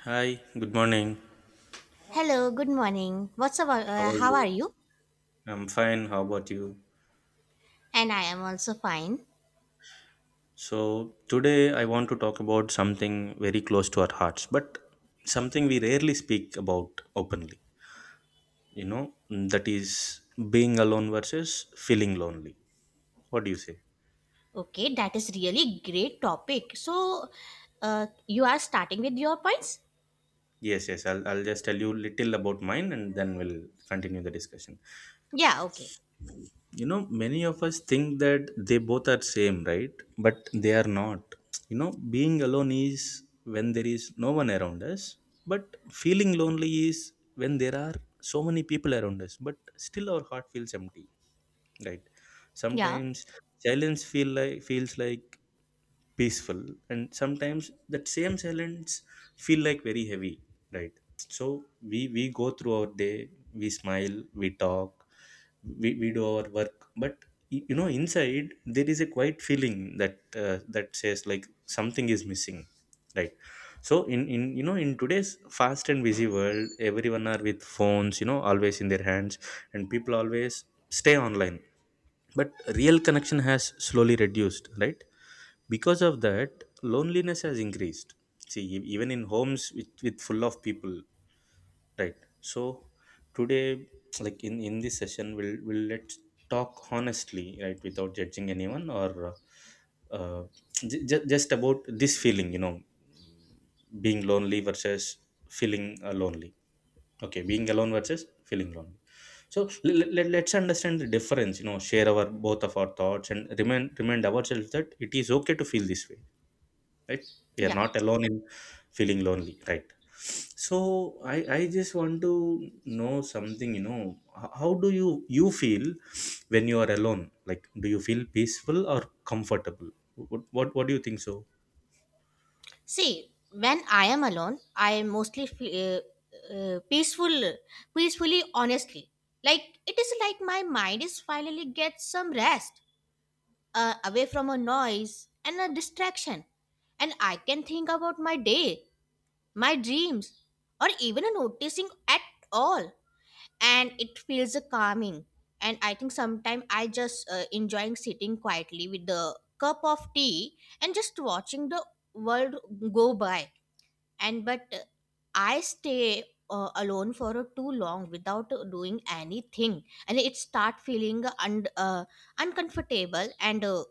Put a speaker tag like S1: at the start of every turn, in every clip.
S1: Hi, good morning.
S2: Hello, good morning. What's about
S1: How are
S2: how are
S1: you?
S2: you?
S1: I'm fine. How about you?
S2: And I am also fine.
S1: So, today I want to talk about something very close to our hearts, but something we rarely speak about openly, that is being alone versus feeling lonely. What do you say?
S2: Okay, that is really great topic. So, you are starting with your points?
S1: Yes, yes, I'll just tell you little about mine, and then we'll continue the discussion.
S2: Yeah, okay.
S1: Many of us think that they both are same, right? But they are not. You know, being alone is when there is no one around us, but feeling lonely is when there are so many people around us but still our heart feels empty, right?
S2: Yeah.
S1: Sometimes silence feels like peaceful, and sometimes that same silence feel like very heavy, right? So we go through our day. We smile, we talk, we do our work, but you know, inside there is a quiet feeling that that says like something is missing, right? So in in today's fast and busy world, everyone are with phones, you know, always in their hands, and people always stay online, but real connection has slowly reduced, right? Because of that, loneliness has increased. See, even in homes with full of people. Right. So today, like in this session, we'll let's talk honestly, right, without judging anyone, or uh, uh, just about this feeling, being lonely versus feeling lonely. Okay, being alone versus feeling lonely. So let's understand the difference, you know, share our both of our thoughts, and remind ourselves that it is okay to feel this way, right? We are
S2: Yeah.
S1: not alone in feeling lonely, right? So I just want to know something. How do you feel when you are alone? Like, do you feel peaceful or comfortable? What do you think? So
S2: See, when I am alone, I mostly feel peaceful peacefully honestly. Like it is like my mind is finally gets some rest away from a noise and a distraction, and I can think about my day, my dreams, or even a noticing at all. And it feels a calming. And I think sometimes I just enjoying sitting quietly with the cup of tea and just watching the world go by. And but I stay alone for too long without doing anything, and it start feeling uncomfortable and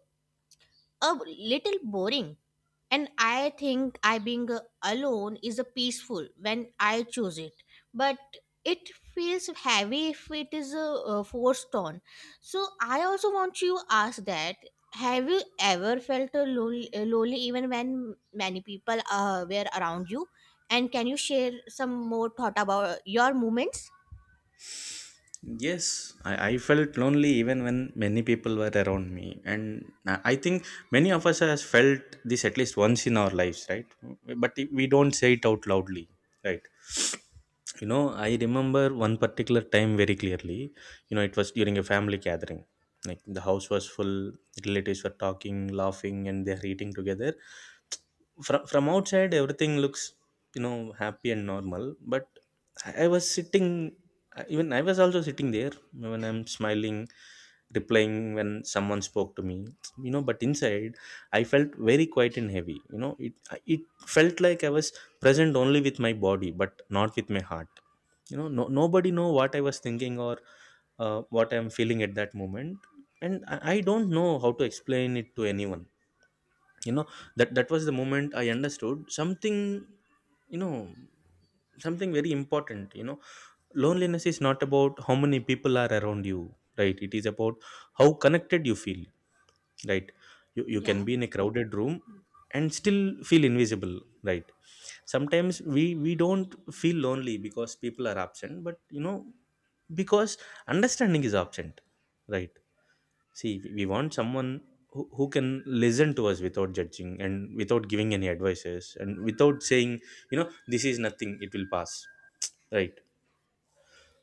S2: a little boring, and I think I being alone is a peaceful when I choose it. But it feels heavy if it is forced on. So I also want you ask that have you ever felt lonely even when many people were around you? And can you share some more thought about your moments?
S1: yes, I felt lonely even when many people were around me. And I think many of us has felt this at least once in our lives, right? But we don't say it out loudly, right? I remember one particular time very clearly. You know, it was during a family gathering. Like, the house was full. Relatives were talking, laughing and they're eating together. From outside, everything looks, you know, happy and normal, but I was sitting, even I was also sitting there when I'm smiling, replying when someone spoke to me, you know, but inside I felt very quiet and heavy. It felt like I was present only with my body, but not with my heart. You know, no, Nobody know what I was thinking or what I'm feeling at that moment, and I don't know how to explain it to anyone. You know, that was the moment I understood something. You know, Something very important. Loneliness is not about how many people are around you, right? It is about how connected you feel, right? You can
S2: Yeah,
S1: be in a crowded room and still feel invisible, right? Sometimes we don't feel lonely because people are absent but, you know, because understanding is absent, right? See, we want someone who can listen to us without judging and without giving any advices and without saying, this is nothing, it will pass. Right.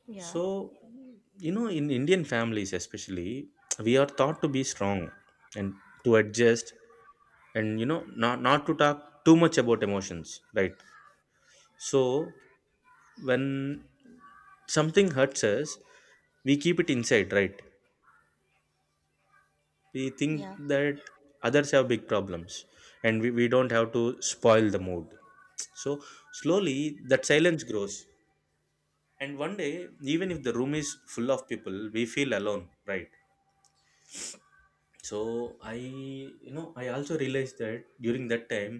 S2: yeah,
S1: So, in Indian families especially, we are taught to be strong and to adjust, and, not to talk too much about emotions. Right. So, when something hurts us, we keep it inside, right? We think
S2: yeah,
S1: that others have big problems and we don't have to spoil the mood. So slowly that silence grows, and one day even if the room is full of people, we feel alone, right? So I you know I also realized that during that time,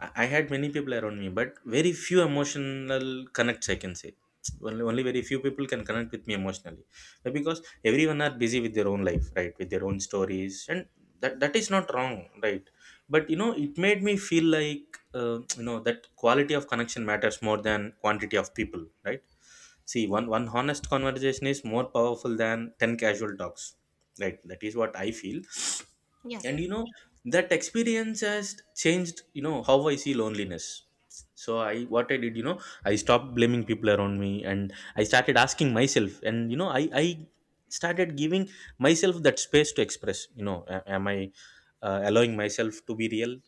S1: I had many people around me but very few emotional connects, I can say. Only very few people can connect with me emotionally. Because everyone are busy with their own life, right, with their own stories, and that is not wrong, right? But, it made me feel like that quality of connection matters more than quantity of people, right? See, one honest conversation is more powerful than 10 casual talks. Right. That is what I feel.
S2: yeah,
S1: And, that experience has changed, how I see loneliness. So I what I did, I stopped blaming people around me, and I started asking myself. And, I started giving myself that space to express, am I allowing myself to be real?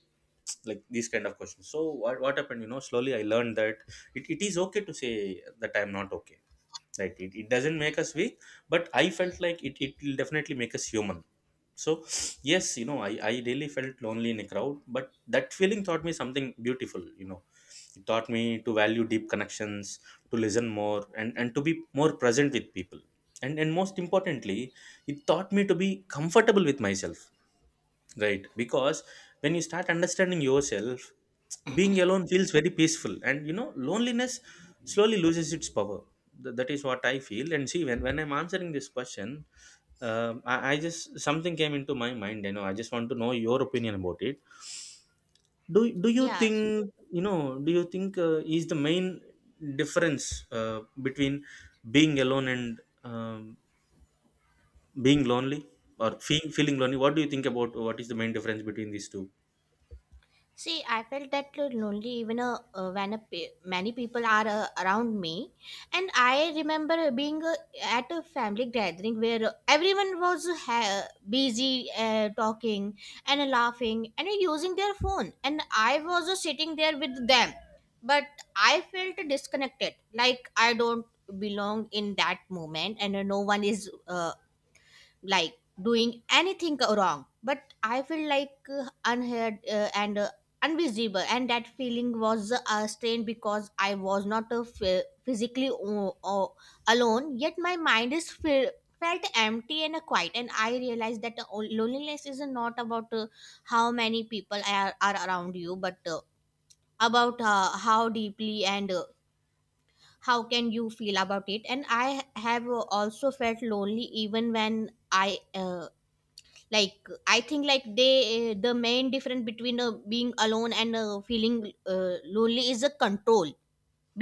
S1: Like, these kind of questions. So what happened, slowly I learned that it is okay to say that I'm not okay, right? It doesn't make us weak, but I felt like it will definitely make us human. So yes, I really felt lonely in a crowd, but that feeling taught me something beautiful. It taught me to value deep connections, to listen more, and to be more present with people, and most importantly, it taught me to be comfortable with myself. Right. Because when you start understanding yourself, being alone feels very peaceful. And, loneliness slowly loses its power. That is what I feel. And see, when I'm answering this question, I just something came into my mind. I just want to know your opinion about it. Do you
S2: yeah.
S1: think? Do you think, is the main difference between being alone and, being lonely, or feeling lonely? What do you think about what is the main difference between these two?
S2: See, I felt that lonely even when many people are around me. And I remember being at a family gathering where everyone was busy talking and laughing and using their phone. And I was sitting there with them. But I felt disconnected, like I don't belong in that moment, and no one is like doing anything wrong, but I feel like unheard and invisible, and that feeling was strained because I was not physically alone, yet my mind is felt empty and quiet. And I realized that loneliness is not about how many people are around you, but about how deeply and how can you feel about it. And I have also felt lonely even when I like I think like they eh, the main difference between being alone and feeling lonely is a control.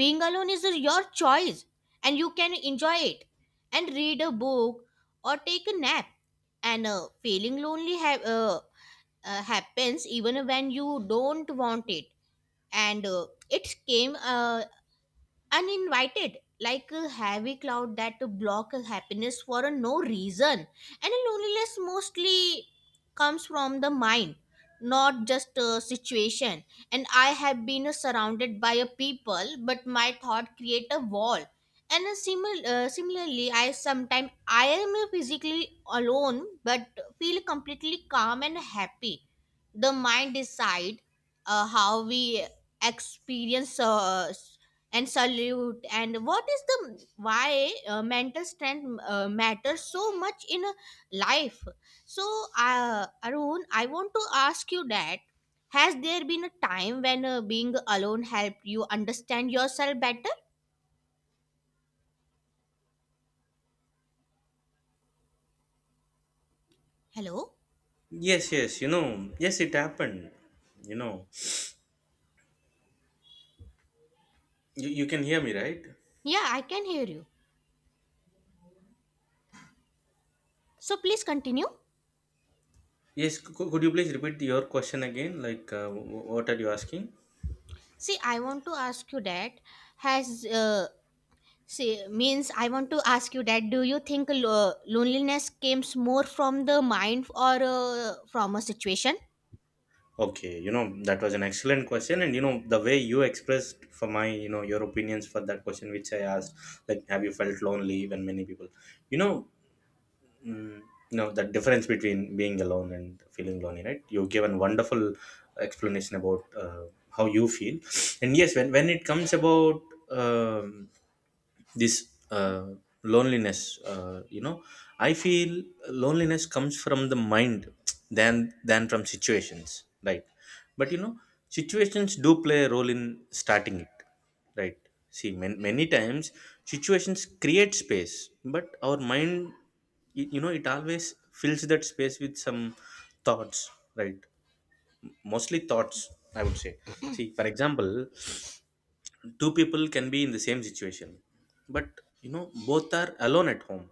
S2: Being alone is your choice, and you can enjoy it and read a book or take a nap. And feeling lonely happens even when you don't want it, and it came uninvited like a heavy cloud that block happiness for a no reason. And loneliness mostly comes from the mind, not just a situation. And I have been surrounded by a people, but my thought create a wall. And similarly I sometimes I am physically alone but feel completely calm and happy. The mind decide how we experience and salute, and what is the why mental strength matters so much in a life. So, Arun, I want to ask you that has there been a time when being alone helped you understand yourself better? Hello?
S1: Yes, yes, yes, it happened. You know, you can hear me, right?
S2: Yeah, I can hear you. So please continue.
S1: Yes, could you please repeat your question again? Like, what are you asking?
S2: See, I want to ask you that has see, means I want to ask you that do you think loneliness comes more from the mind or from a situation?
S1: Okay, that was an excellent question. And the way you expressed for my, your opinions for that question, which I asked, like, have you felt lonely when many people, you know, the difference between being alone and feeling lonely, right? You've given wonderful explanation about how you feel. And yes, when it comes about, um this loneliness, uh, you know I feel loneliness comes from the mind than than from situations, right? But, situations do play a role in starting it, right? See, many times situations create space, but our mind, you know, it always fills that space with some thoughts, right? Mostly thoughts, I would say. See, for example, two people can be in the same situation, but, both are alone at home.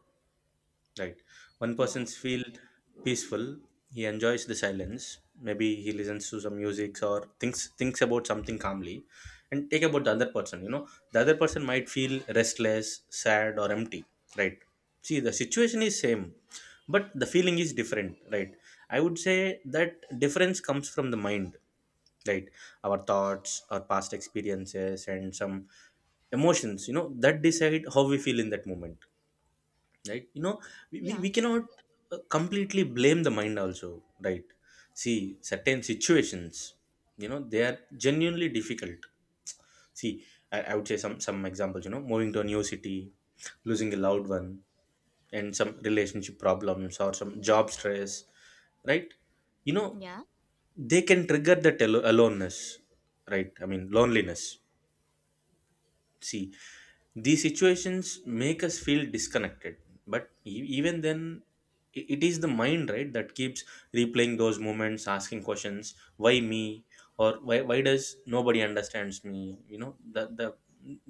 S1: Right. One
S2: Yeah,
S1: person feels peaceful. He enjoys the silence. Maybe he listens to some music or thinks about something calmly. And take about the other person. You know, the other person might feel restless, sad, or empty. Right. See, the situation is same, but the feeling is different. Right. I would say that difference comes from the mind. Right. Our thoughts, our past experiences, and some emotions. That decide how we feel in that moment, right?
S2: yeah,
S1: We cannot completely blame the mind also, right? See, certain situations, they are genuinely difficult. See, I would say some examples. Moving to a new city, losing a loved one, and some relationship problems or some job stress, right? you know
S2: yeah.
S1: they can trigger that aloneness, right? I mean, loneliness. See, these situations make us feel disconnected, but even then, it is the mind, right, that keeps replaying those moments, asking questions, why me, or why does nobody understands me?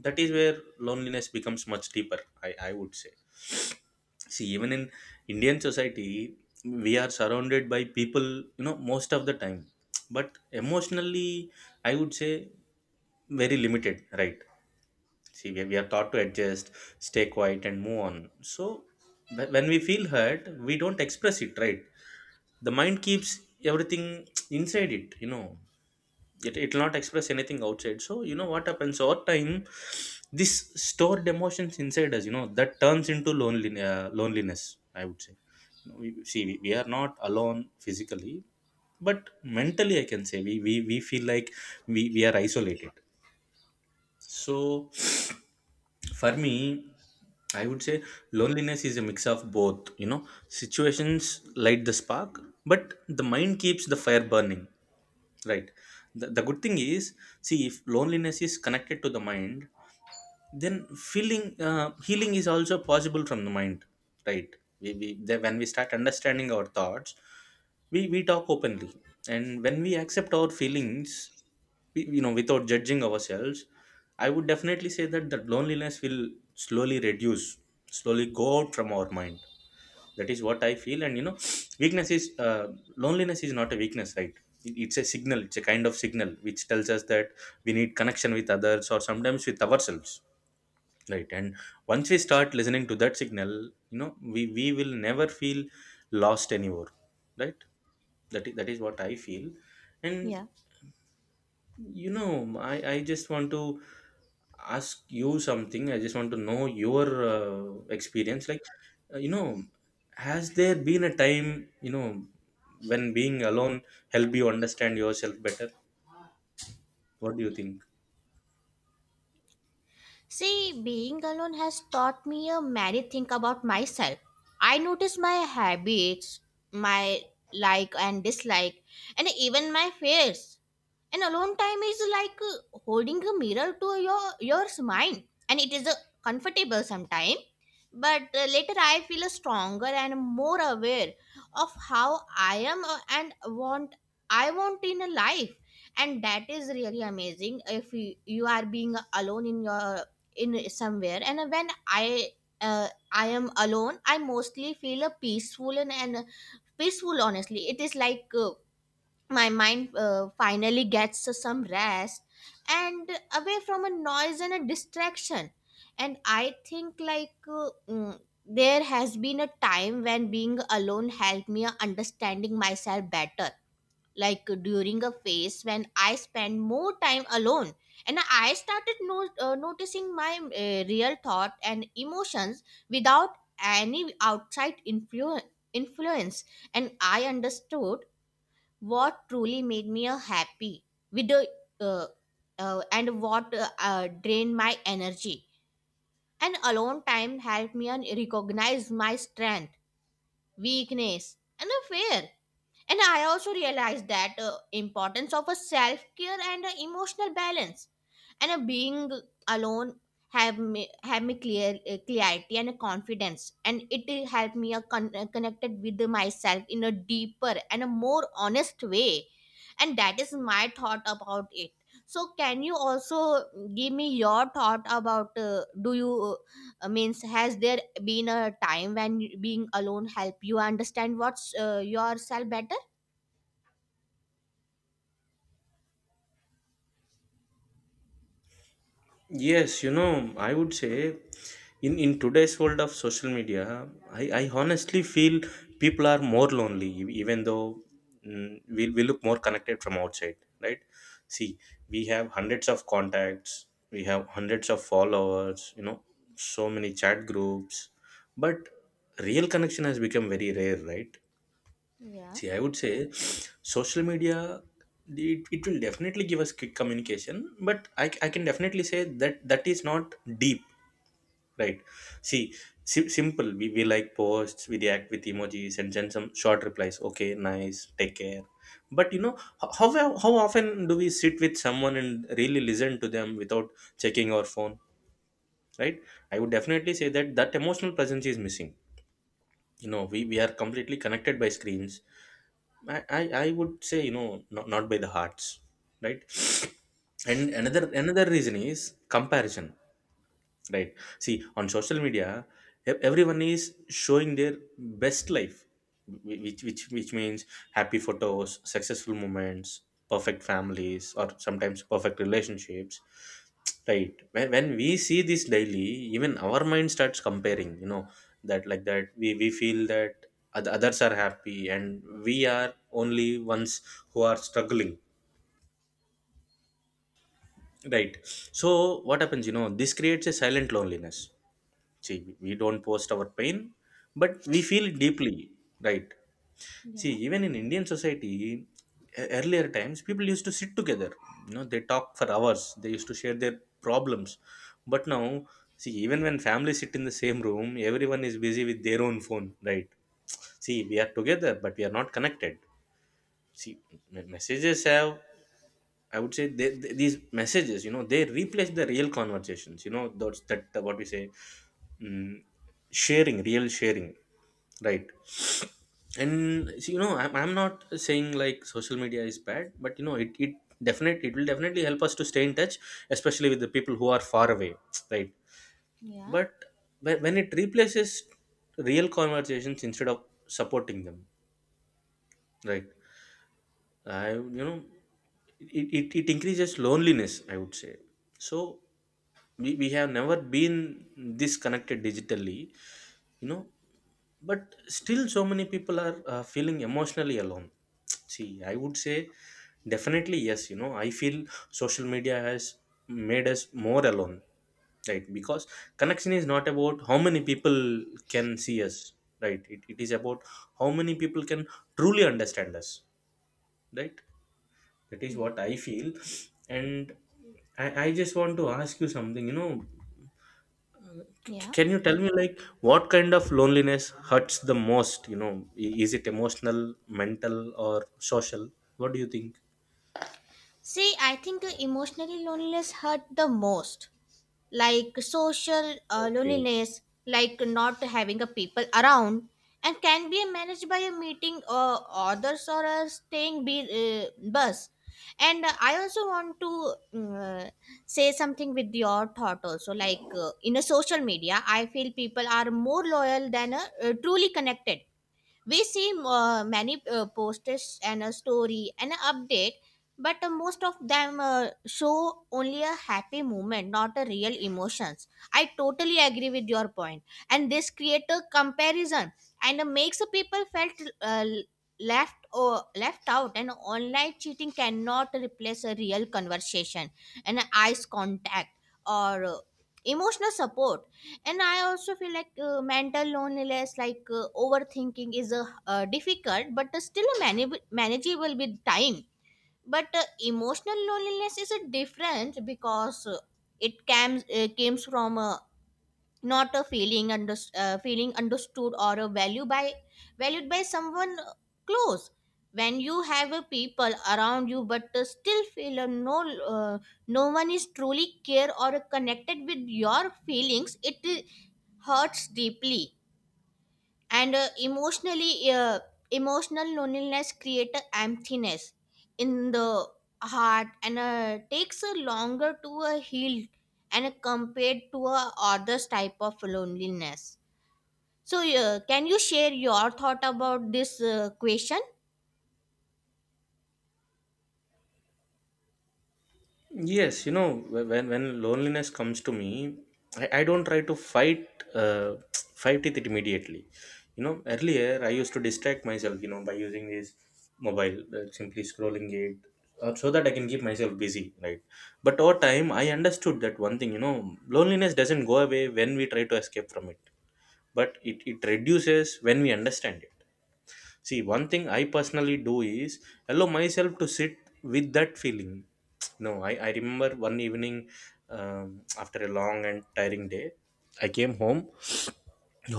S1: That is where loneliness becomes much deeper, I would say. See, even in Indian society, we are surrounded by people, most of the time, but emotionally, I would say very limited, right? See, we are taught to adjust, stay quiet, and move on. So, when we feel hurt, we don't express it, right? The mind keeps everything inside it. It will not express anything outside. So, you know what happens over time, this stored emotions inside us, that turns into loneliness, I would say. See, we are not alone physically, but mentally, I can say we feel like we are isolated. So for me, I would say loneliness is a mix of both. Situations light the spark, but the mind keeps the fire burning. Right. The good thing is, see, if loneliness is connected to the mind, then feeling healing is also possible from the mind, right? We, we then when we start understanding our thoughts, we talk openly, and when we accept our feelings, we, without judging ourselves, I would definitely say that loneliness will slowly reduce, slowly go out from our mind. That is what I feel. And you know, weakness is loneliness is not a weakness, right? It's a signal, it's a kind of signal which tells us that we need connection with others or sometimes with ourselves, right? And once we start listening to that signal, you know, we will never feel lost anymore, right? That is what I feel. And
S2: Yeah.
S1: you know, I just want to ask you something. I just want to know your experience. Like uh, you know has there been a time, you know, when being alone helped you understand yourself better? What do you think?
S2: See, being alone has taught me a many things about myself. I notice my habits, my like and dislike, and even my fears. And alone time is like holding a mirror to your mind, and it is comfortable sometimes. But later, I feel stronger and more aware of how I am and want I want in a life, and that is really amazing. If you, you are being alone in your in somewhere, and when I am alone, I mostly feel peaceful and peaceful honestly. It is like, my mind finally gets some rest and away from a noise and a distraction. And I think like there has been a time when being alone helped me understanding myself better, like during a phase when I spent more time alone and I started noticing my real thought and emotions without any outside influence. And I understood what truly made me a happy with the uh, and what drained my energy. And alone time helped me and recognize my strength, weakness and a fear. And I also realized that importance of a self care and a emotional balance. And a being alone have me clear clarity and a confidence, and it helped me a connected with myself in a deeper and a more honest way. And that is my thought about it. So, can you also give me your thought about do you means has there been a time when being alone help you understand what's yourself better?
S1: Yes, you know, I would say in today's world of social media, I honestly feel people are more lonely, even though, we look more connected from outside, right? See, we have hundreds of contacts, we have hundreds of followers, you know, so many chat groups, but real connection has become very rare, right?
S2: Yeah,
S1: See, I would say social media, it will definitely give us quick communication, but I can definitely say that is not deep, right? See, simple. We like posts, we react with emojis and send some short replies. Okay, nice, take care. But you know, how often do we sit with someone and really listen to them without checking our phone, right? I would definitely say that emotional presence is missing. You know, we are completely connected by screens. I would say, you know, not by the hearts, right? And another reason is comparison, right? See, on social media, everyone is showing their best life, which means happy photos, successful moments, perfect families, or sometimes perfect relationships, right? When we see this daily, even our mind starts comparing, you know, that we feel that others are happy and we are only ones who are struggling, right? So what happens, you know, this creates a silent loneliness. See, we don't post our pain, but we feel it deeply, right? See,
S2: yeah,
S1: even in Indian society, earlier times, people used to sit together. You know, they talk for hours. They used to share their problems. But now, see, even when families sit in the same room, everyone is busy with their own phone, right? See, we are together, but we are not connected. See, messages have, I would say, these messages, you know, they replace the real conversations. You know, those that what we say, mm, sharing, real sharing, right? And see, you know, I'm not saying like social media is bad, but you know, it will definitely help us to stay in touch, especially with the people who are far away, right?
S2: yeah,
S1: But when it replaces real conversations instead of supporting them, right? I you know it, it, it increases loneliness, I would say. So we have never been this connected digitally, you know, but still so many people are feeling emotionally alone. See, I would say definitely yes, you know, I feel social media has made us more alone, right? Because connection is not about how many people can see us, right? It is about how many people can truly understand us, right? That is
S2: yeah.
S1: what I feel. And I just want to ask you something, you know. C-
S2: Yeah.
S1: can you tell me, like, what kind of loneliness hurts the most, you know? Is it emotional, mental, or social? What do you think?
S2: See, I think emotionally loneliness hurt the most. Like social
S1: Okay.
S2: loneliness, like not having a people around, and can be managed by a meeting or others or a staying be, bus. And I also want to uh, say something with your thought also. Like in a social media, I feel people are more loyal than truly connected. We see many posts and a story and an update, but most of them show only a happy moment, not a real emotions. I totally agree with your point, and this create a comparison, and makes the people felt uh, left or left out. And online cheating cannot replace a real conversation and eyes contact or emotional support. And I also feel like mental loneliness like overthinking is difficult but still manageable with time. But emotional loneliness is a different because it comes from not a feeling under, feeling understood or a valued by someone close. When you have a people around you but still feel a no one is truly care or connected with your feelings, it hurts deeply. And emotional loneliness creates emptiness in the heart, and takes a longer to a heal and compared to a others type of loneliness. So can you share your thought about this question?
S1: Yes, you know, when loneliness comes to me, I don't try to fight, uh, fight it immediately. You know, earlier I used to distract myself, you know, by using this mobile, simply scrolling it, so that I can keep myself busy, right? But over time I understood that one thing, you know, loneliness doesn't go away when we try to escape from it, but it reduces when we understand it. See, one thing I personally do is allow myself to sit with that feeling. No, I remember one evening, after a long and tiring day, I came home.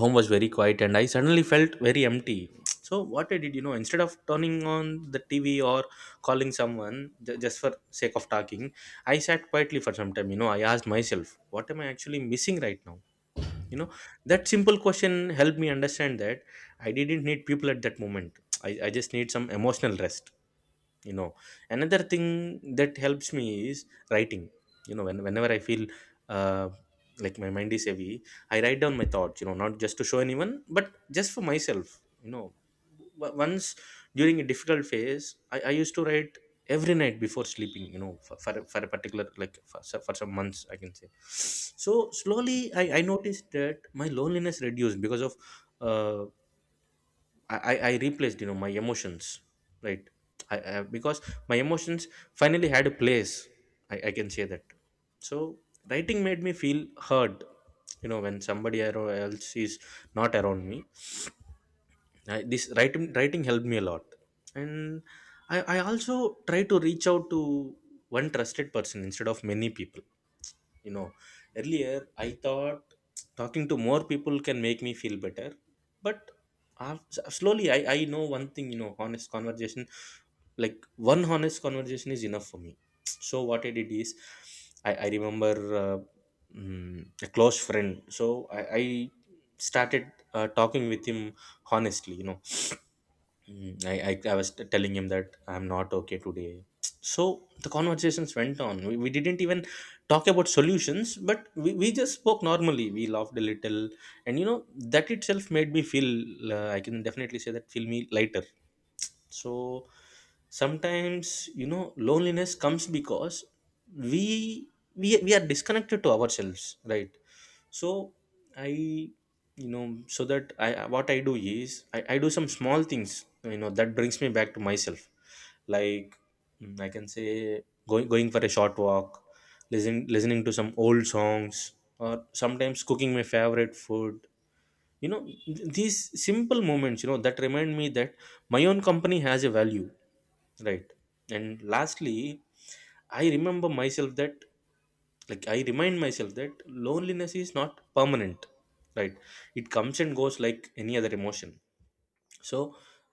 S1: Home was very quiet and I suddenly felt very empty. So what I did, you know, instead of turning on the TV or calling someone just for sake of talking, I sat quietly for some time. You know, I asked myself, what am I actually missing right now? You know, that simple question helped me understand that I didn't need people at that moment. I just need some emotional rest, you know. Another thing that helps me is writing. You know, whenever I feel, uh, like, my mind is heavy, I write down my thoughts, you know, not just to show anyone but just for myself. You know, once during a difficult phase, I used to write every night before sleeping, you know, for, for a particular, like, for some months, I can say. So slowly I noticed that my loneliness reduced because of, uh, I replaced, you know, my emotions, right? I because my emotions finally had a place, I can say that. So writing made me feel heard, you know, when somebody else is not around me. I, this writing helped me a lot. And I also try to reach out to one trusted person instead of many people, you know. Earlier I thought talking to more people can make me feel better, but slowly I know one thing, you know, honest conversation, like one honest conversation is enough for me. So what I did is, I remember, uh, a close friend, so I started talking with him honestly, you know. Mm, I, I was telling him that I'm not okay today. So the conversations went on. We didn't even talk about solutions, but we just spoke normally. We laughed a little. And you know, that itself made me feel, I can definitely say that, feel me lighter. So sometimes, you know, loneliness comes because we, we are disconnected to ourselves, right? So I you know so that I what I do is, I do some small things, you know, that brings me back to myself. Like, I can say, going for a short walk, listening to some old songs, or sometimes cooking my favorite food. You know, these simple moments, you know, that remind me that my own company has a value, right? And lastly, I remember myself that like I remind myself that loneliness is not permanent, right? It comes and goes like any other emotion. So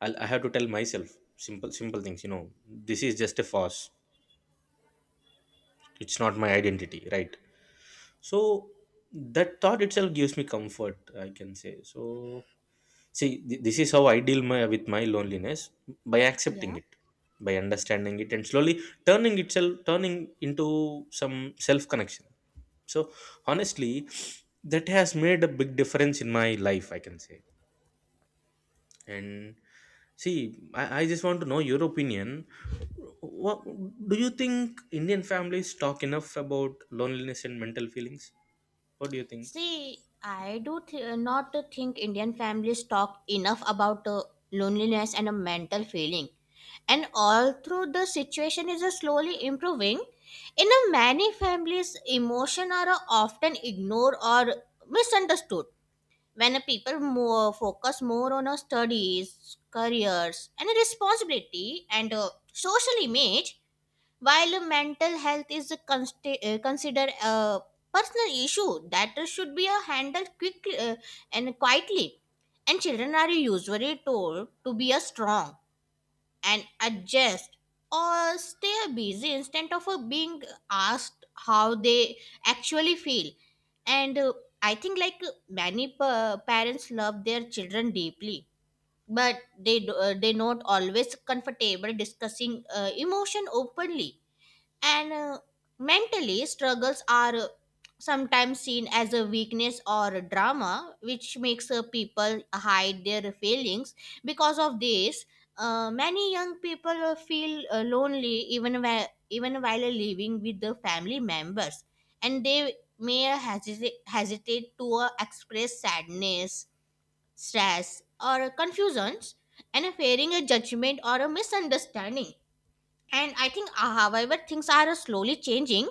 S1: I'll, I have to tell myself simple things, you know, this is just a phase, it's not my identity, right? So that thought itself gives me comfort, I can say. So see, this is how I deal my, with my loneliness, by accepting
S2: Yeah.
S1: it, by understanding it, and slowly turning into some self connection. So honestly, that has made a big difference in my life, I can say. And see, I just want to know your opinion. What do you think, Indian families talk enough about loneliness and mental feelings? What do you think?
S2: See, I do not think Indian families talk enough about loneliness and a mental feeling. And although the situation is slowly improving, in a many families, emotion are often ignored or misunderstood. When people more focus more on studies, careers, and responsibility and social image, while mental health is a considered a personal issue that should be handled quickly and quietly. And children are usually told to be a strong and adjust or stay busy instead of being asked how they actually feel. And I think like many parents love their children deeply, but they do, they not always comfortable discussing emotion openly. And mentally struggles are sometimes seen as a weakness or a drama, which makes people hide their feelings. Because of this, many young people feel lonely even even while living with the family members, and they may hesitate to express sadness, stress or confusions, and fearing a judgment or a misunderstanding. And I think however things are slowly changing,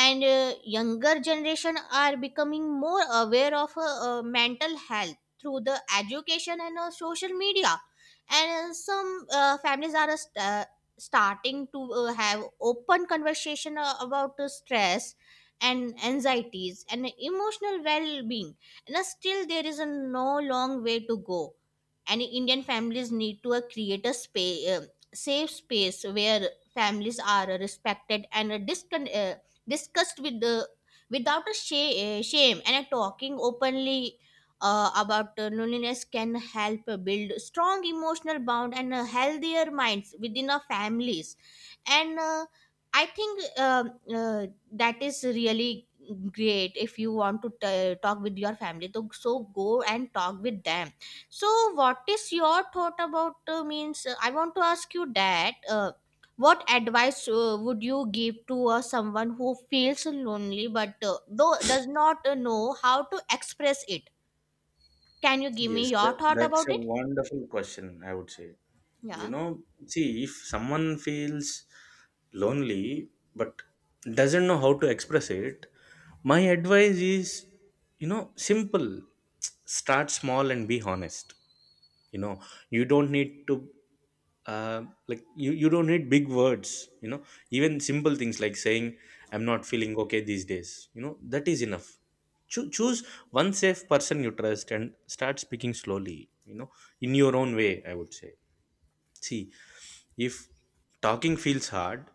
S2: and younger generation are becoming more aware of mental health through the education and social media. And some families are starting to have open conversation about stress and anxieties and emotional well-being. And still there is a no long way to go, and Indian families need to create a space, safe space where families are respected and discussed with the without a shame. And talking openly about loneliness can help build strong emotional bond and healthier minds within our families. And I think uh, that is really great. If you want to talk with your family, so so go and talk with them. So, what is your thought about means I want to ask you that what advice would you give to someone who feels lonely but does not know how to express it? Can you give me
S1: Yes,
S2: your
S1: that,
S2: thought
S1: that's
S2: about
S1: a
S2: it?
S1: wonderful question, I would say. You
S2: Yeah,
S1: know, see, if someone feels lonely but doesn't know how to express it, my advice is, you know, simple. Start small and be honest. You know, you don't need to, you don't need big words, you know. Even simple things like saying, I'm not feeling okay these days, you know, that is enough. Choose one safe person you trust and start speaking slowly, you know, in your own way, I would say. See, if talking feels hard,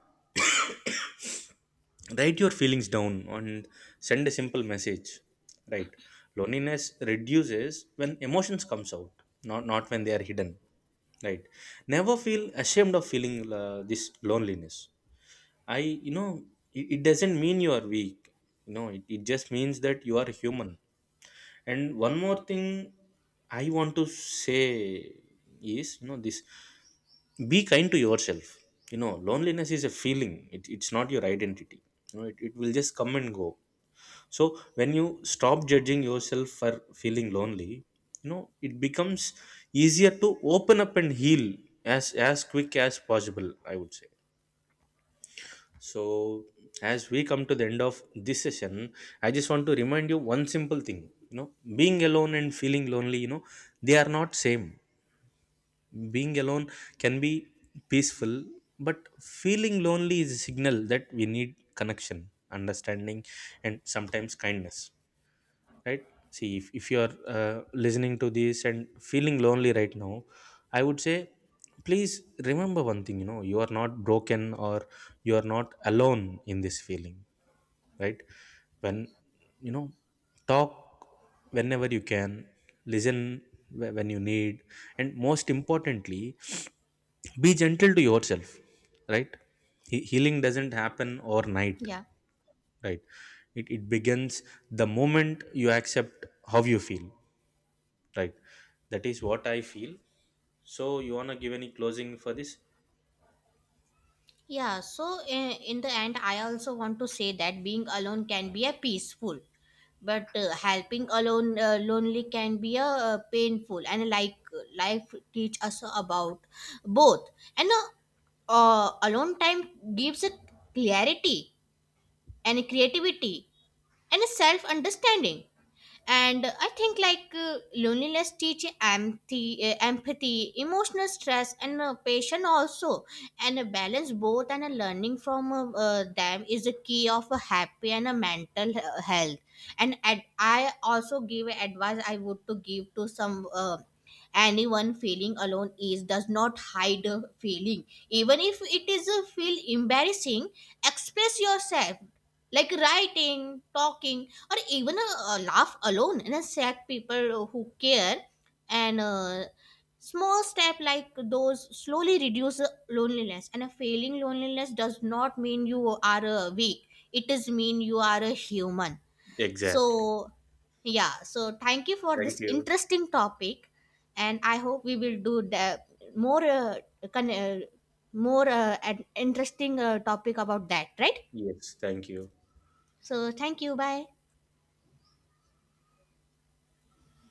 S1: write your feelings down and send a simple message, right? Loneliness reduces when emotions comes out, not when they are hidden, right? Never feel ashamed of feeling this loneliness. I, you know, it doesn't mean you are weak. You know, it just means that you are human. And one more thing I want to say is, you know, this, be kind to yourself. You know, loneliness is a feeling, it's not your identity. You know, it will just come and go. So when you stop judging yourself for feeling lonely, you know, it becomes easier to open up and heal, as quick as possible, I would say. So as we come to the end of this session, I just want to remind you one simple thing, you know, being alone and feeling lonely, you know, they are not same. Being alone can be peaceful, but feeling lonely is a signal that we need connection, understanding, and sometimes kindness, right? See, if you are listening to this and feeling lonely right now, I would say, please remember one thing, you know, you are not broken, or you are not alone in this feeling, right? When, you know, talk whenever you can, listen when you need, and most importantly, be gentle to yourself, right? Healing doesn't happen overnight,
S2: yeah.
S1: right? It begins the moment you accept how you feel, right? That is what I feel. So you want to give any closing for this?
S2: Yeah, so in the end, I also want to say that being alone can be a peaceful, but helping alone lonely can be a painful. And like life teach us about both. And alone time gives a clarity and creativity and a self understanding. And I think like loneliness teach empathy, emotional stress and patience also, and a balance both. And a learning from them is the key of a happy and a mental health. And I also give a advice I would to give to some anyone feeling alone is does not hide a feeling, even if it is a feel embarrassing. Express yourself, like writing, talking, or even a laugh alone, and attract people who care. And small step like those slowly reduce the loneliness, and a failing loneliness does not mean you are weak, it does mean you are a human.
S1: Exactly.
S2: So, yeah, so thank you for
S1: Thank
S2: this
S1: you.
S2: interesting topic. And I hope we will do the more con- uh, more an interesting topic about that, right?
S1: Yes, thank you.
S2: So, thank you, bye.